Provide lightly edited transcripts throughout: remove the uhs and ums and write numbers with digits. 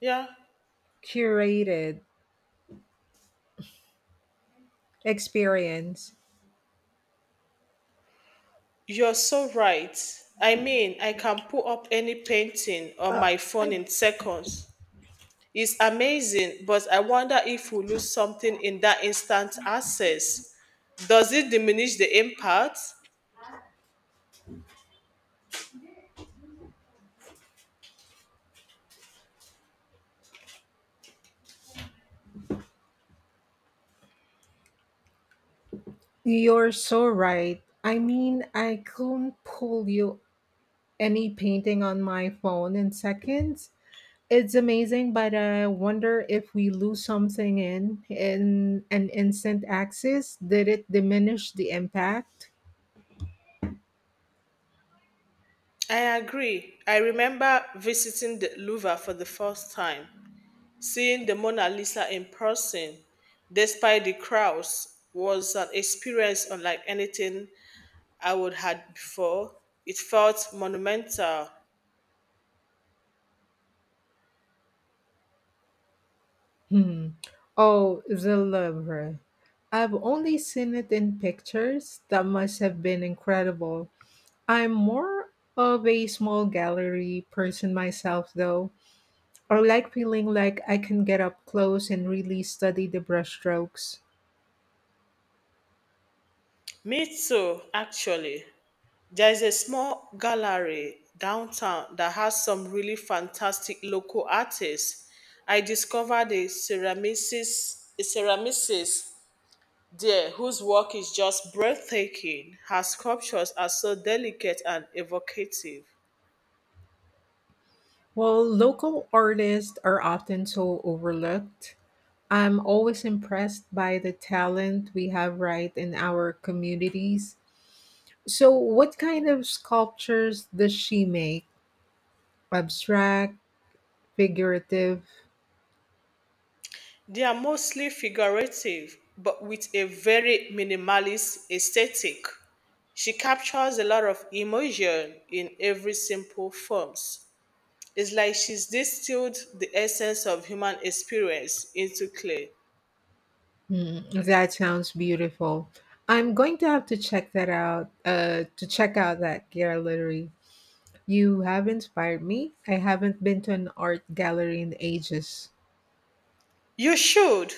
Yeah, Curated experience. you're so right. I mean, I can pull up any painting on my phone in seconds. It's amazing, but I wonder if we lose something in that instant access. Does it diminish the impact? You're so right. I mean, I couldn't pull you any painting on my phone in seconds. It's amazing, but I wonder if we lose something in an instant access. Did it diminish the impact? I agree. I remember visiting the Louvre for the first time. Seeing the Mona Lisa in person, despite the crowds, was an experience unlike anything I would had before. It felt monumental. Hmm. Oh, the Louvre. I've only seen it in pictures. That must have been incredible. I'm more of a small gallery person myself, though. I like feeling like I can get up close and really study the brushstrokes. Me too, actually. There's a small gallery downtown that has some really fantastic local artists. I discovered a ceramicist there whose work is just breathtaking. Her sculptures are so delicate and evocative. While local artists are often so overlooked, I'm always impressed by the talent we have right in our communities. So, what kind of sculptures does she make? Abstract, figurative? They are mostly figurative, but with a very minimalist aesthetic. She captures a lot of emotion in every simple forms. It's like she's distilled the essence of human experience into clay. Hmm, that sounds beautiful. I'm going to have to check that out. To check out that gallery. You have inspired me. I haven't been to an art gallery in ages. You should.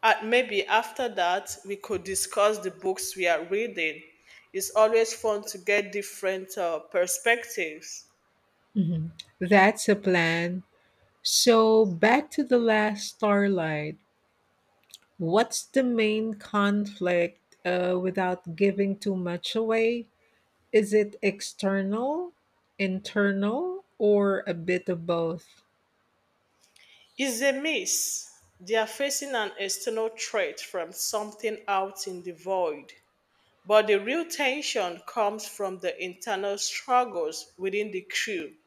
And maybe after that, we could discuss the books we are reading. It's always fun to get different perspectives. Mhm. That's a plan. So back to the last starlight. What's the main conflict? Without giving too much away, is it external, internal, or a bit of both? It's a miss. They are facing an external threat from something out in the void. But the real tension comes from the internal struggles within the crew.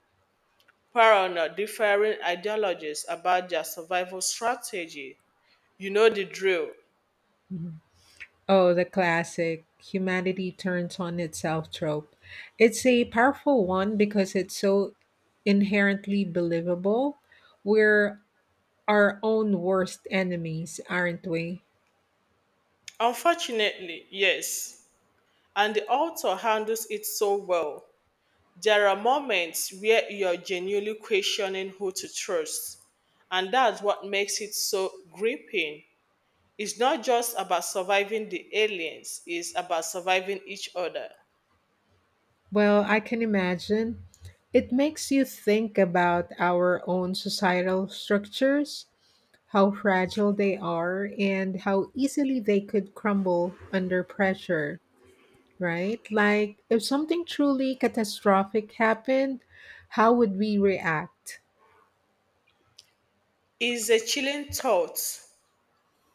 Piranha differing ideologies about their survival strategy. You know the drill. Oh, the classic humanity turns on itself trope. It's a powerful one because it's so inherently believable. We're our own worst enemies, aren't we? Unfortunately, yes. And the author handles it so well. There are moments where you're genuinely questioning who to trust. And that's what makes it so gripping. It's not just about surviving the aliens, it's about surviving each other. Well, I can imagine. It makes you think about our own societal structures, how fragile they are, and how easily they could crumble under pressure, right? Like, if something truly catastrophic happened, how would we react? It's a chilling thought.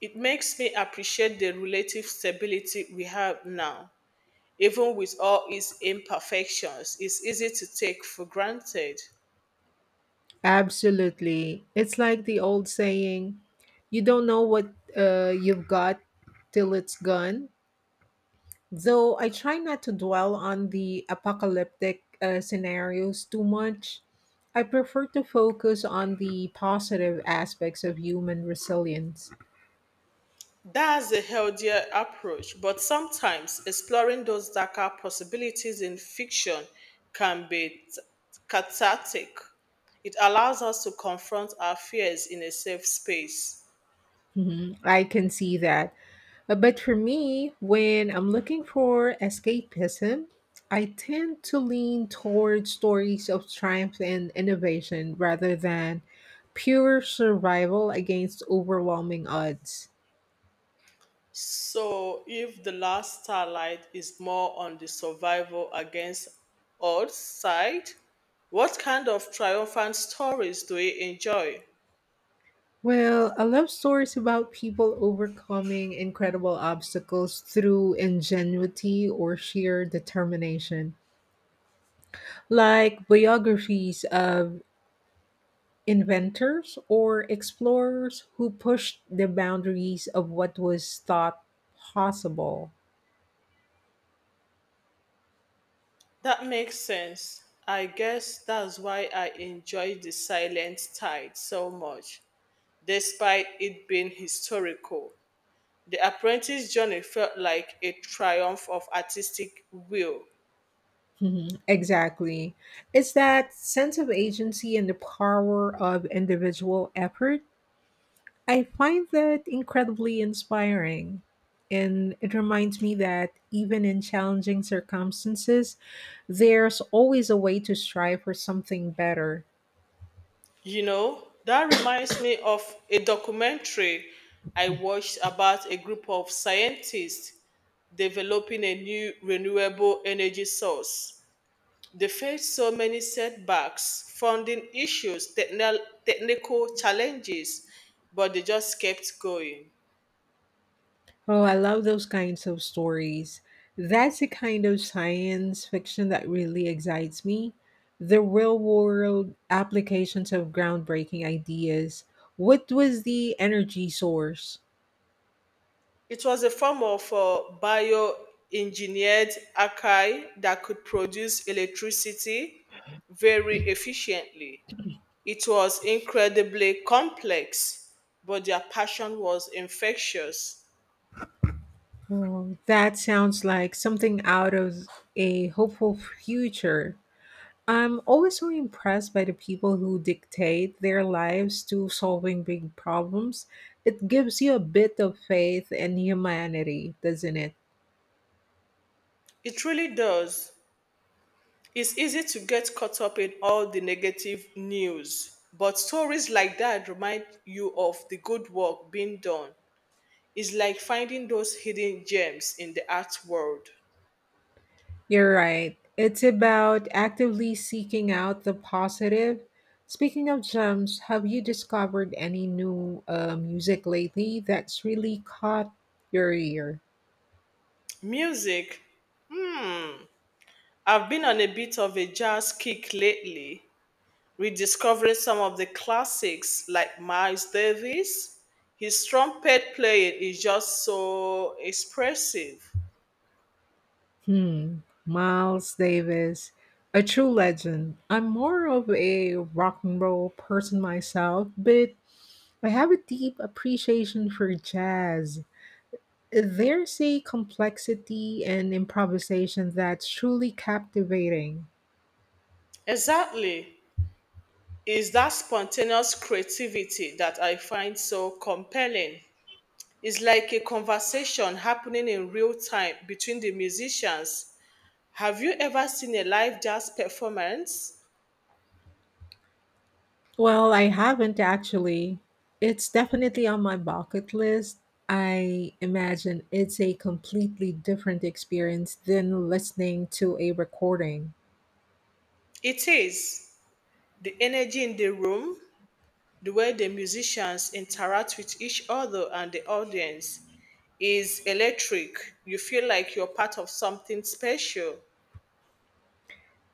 It makes me appreciate the relative stability we have now, even with all its imperfections, it's easy to take for granted. Absolutely. It's like the old saying, you don't know what you've got till it's gone. Though I try not to dwell on the apocalyptic scenarios too much, I prefer to focus on the positive aspects of human resilience. That's a healthier approach, but sometimes exploring those darker possibilities in fiction can be cathartic. It allows us to confront our fears in a safe space. Mhm. I can see that. But for me, when I'm looking for escapism, I tend to lean toward stories of triumph and innovation rather than pure survival against overwhelming odds. So, if the last starlight is more on the survival against odds side, what kind of triumphant stories do we enjoy? Well, I love stories about people overcoming incredible obstacles through ingenuity or sheer determination, like biographies of inventors or explorers who pushed the boundaries of what was thought possible. That makes sense. I guess that's why I enjoy the Silent Tide so much, despite it being historical. The apprentice journey felt like a triumph of artistic will. Mhm, exactly. It's that sense of agency and the power of individual effort. I find that incredibly inspiring. And it reminds me that even in challenging circumstances, there's always a way to strive for something better. You know, that reminds me of a documentary I watched about a group of scientists developing a new renewable energy source. They faced so many setbacks, funding issues, technical challenges, but they just kept going. Oh, I love those kinds of stories. That's the kind of science fiction that really excites me. The real world applications of groundbreaking ideas. What was the energy source? It was a form of bioengineered archive that could produce electricity very efficiently. It was incredibly complex, but their passion was infectious. Oh, that sounds like something out of a hopeful future. I'm always so impressed by the people who dictate their lives to solving big problems. It gives you a bit of faith and humanity, doesn't it? It really does. It's easy to get caught up in all the negative news, but stories like that remind you of the good work being done. It's like finding those hidden gems in the art world. You're right. It's about actively seeking out the positive. Speaking of gems, have you discovered any new music lately that's really caught your ear? Music. I've been on a bit of a jazz kick lately, rediscovering some of the classics like Miles Davis. His trumpet playing is just so expressive. Hmm, Miles Davis, a true legend. I'm more of a rock and roll person myself, but I have a deep appreciation for jazz. There's a complexity and improvisation that's truly captivating. Exactly. is that spontaneous creativity that I find so compelling. It's like a conversation happening in real time between the musicians. Have you ever seen a live jazz performance? Well, I haven't actually. It's definitely on my bucket list. I imagine it's a completely different experience than listening to a recording. It is. The energy in the room, the way the musicians interact with each other and the audience is electric. You feel like you're part of something special.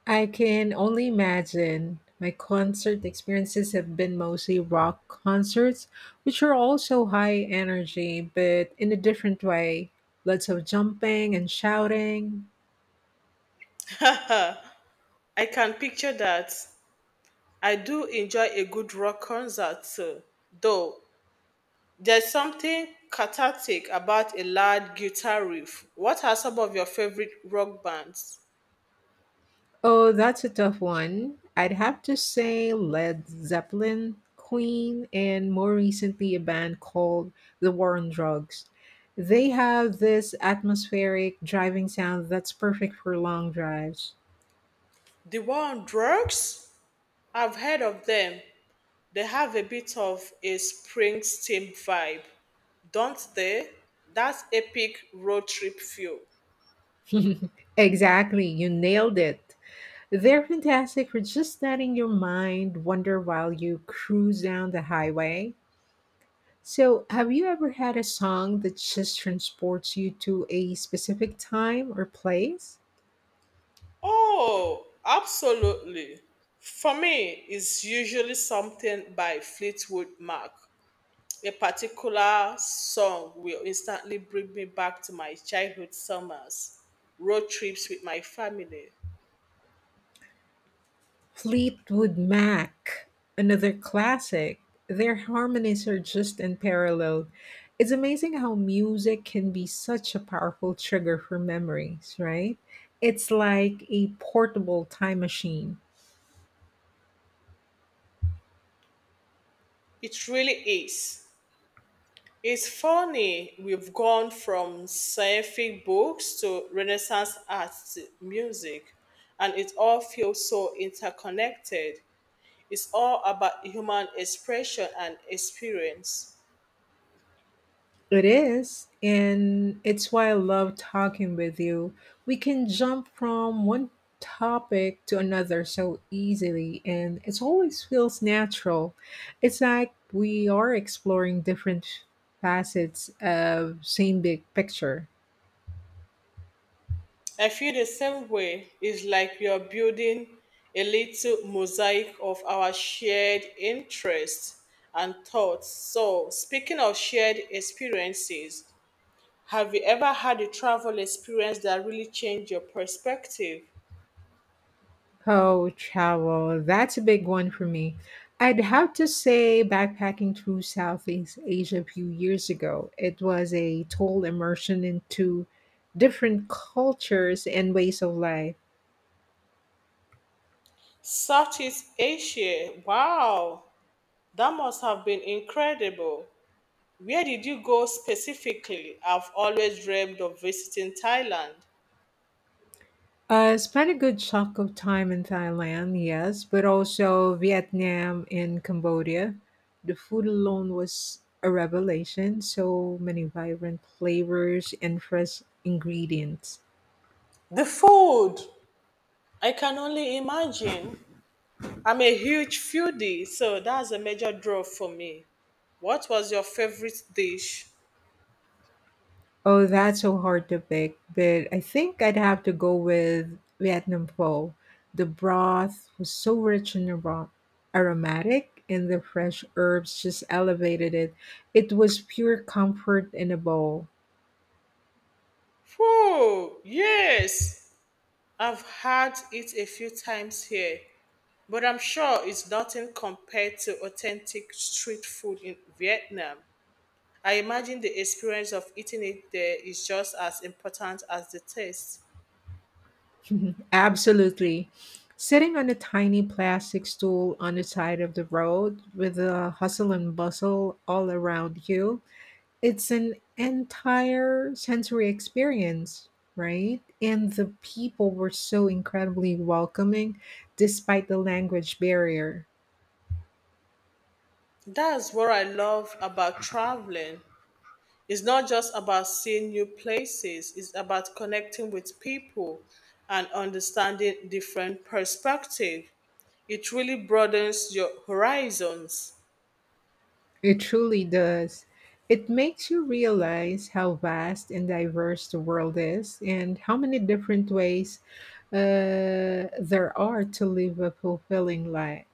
I can only imagine. My concert experiences have been mostly rock concerts, which are also high energy, but in a different way. Lots of jumping and shouting. I can picture that. I do enjoy a good rock concert, though. There's something cathartic about a loud guitar riff. What are some of your favorite rock bands? Oh, that's a tough one. I'd have to say Led Zeppelin, Queen, and more recently a band called The War on Drugs. They have this atmospheric driving sound that's perfect for long drives. The War on Drugs? I've heard of them. They have a bit of a Springsteen vibe, don't they? That's epic road trip feel. Exactly, you nailed it. They're fantastic for just letting your mind wander while you cruise down the highway. So, have you ever had a song that just transports you to a specific time or place? Oh, absolutely. For me, it's usually something by Fleetwood Mac. A particular song will instantly bring me back to my childhood summers, road trips with my family. Fleetwood Mac, another classic. Their harmonies are just unparalleled. It's amazing how music can be such a powerful trigger for memories, right? It's like a portable time machine. It really is. It's funny, we've gone from scientific books to Renaissance art, music, and it all feels so interconnected. It's all about human expression and experience. It is, and it's why I love talking with you. We can jump from one topic to another so easily, and it always feels natural. It's like we are exploring different facets of same big picture. I feel the same way. It's like we are building a little mosaic of our shared interests and thoughts. So, speaking of shared experiences, have you ever had a travel experience that really changed your perspective? Oh, travel. That's a big one for me. I'd have to say backpacking through Southeast Asia a few years ago. It was a total immersion into different cultures and ways of life. Southeast Asia, wow, that must have been incredible. Where did you go specifically? I've always dreamed of visiting Thailand. I spent a good chunk of time in Thailand, yes, but also Vietnam and Cambodia. The food alone was a revelation, so many vibrant flavors and fresh ingredients. The food! I can only imagine. I'm a huge foodie, so that's a major draw for me. What was your favorite dish? Oh, that's so hard to pick, but I think I'd have to go with Vietnam pho. The broth was so rich and aromatic, and the fresh herbs just elevated it. It was pure comfort in a bowl. Whoa, yes, I've had it a few times here, but I'm sure it's nothing compared to authentic street food in Vietnam. I imagine the experience of eating it there is just as important as the taste. Absolutely. Sitting on a tiny plastic stool on the side of the road with the hustle and bustle all around you, it's an entire sensory experience, right? And the people were so incredibly welcoming despite the language barrier. That's what I love about traveling. It's not just about seeing new places, it's about connecting with people and understanding different perspective. It really broadens your horizons. It truly does. It makes you realize how vast and diverse the world is and how many different ways there are to live a fulfilling life.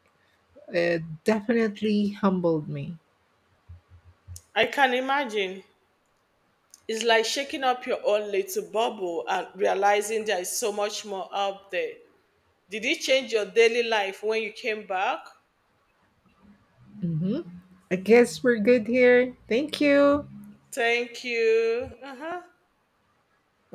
It definitely humbled me. I can imagine. It's like shaking up your own little bubble and realizing there is so much more out there. Did it change your daily life when you came back? Hmm. I guess we're good here. Thank you. Thank you. Uh-huh.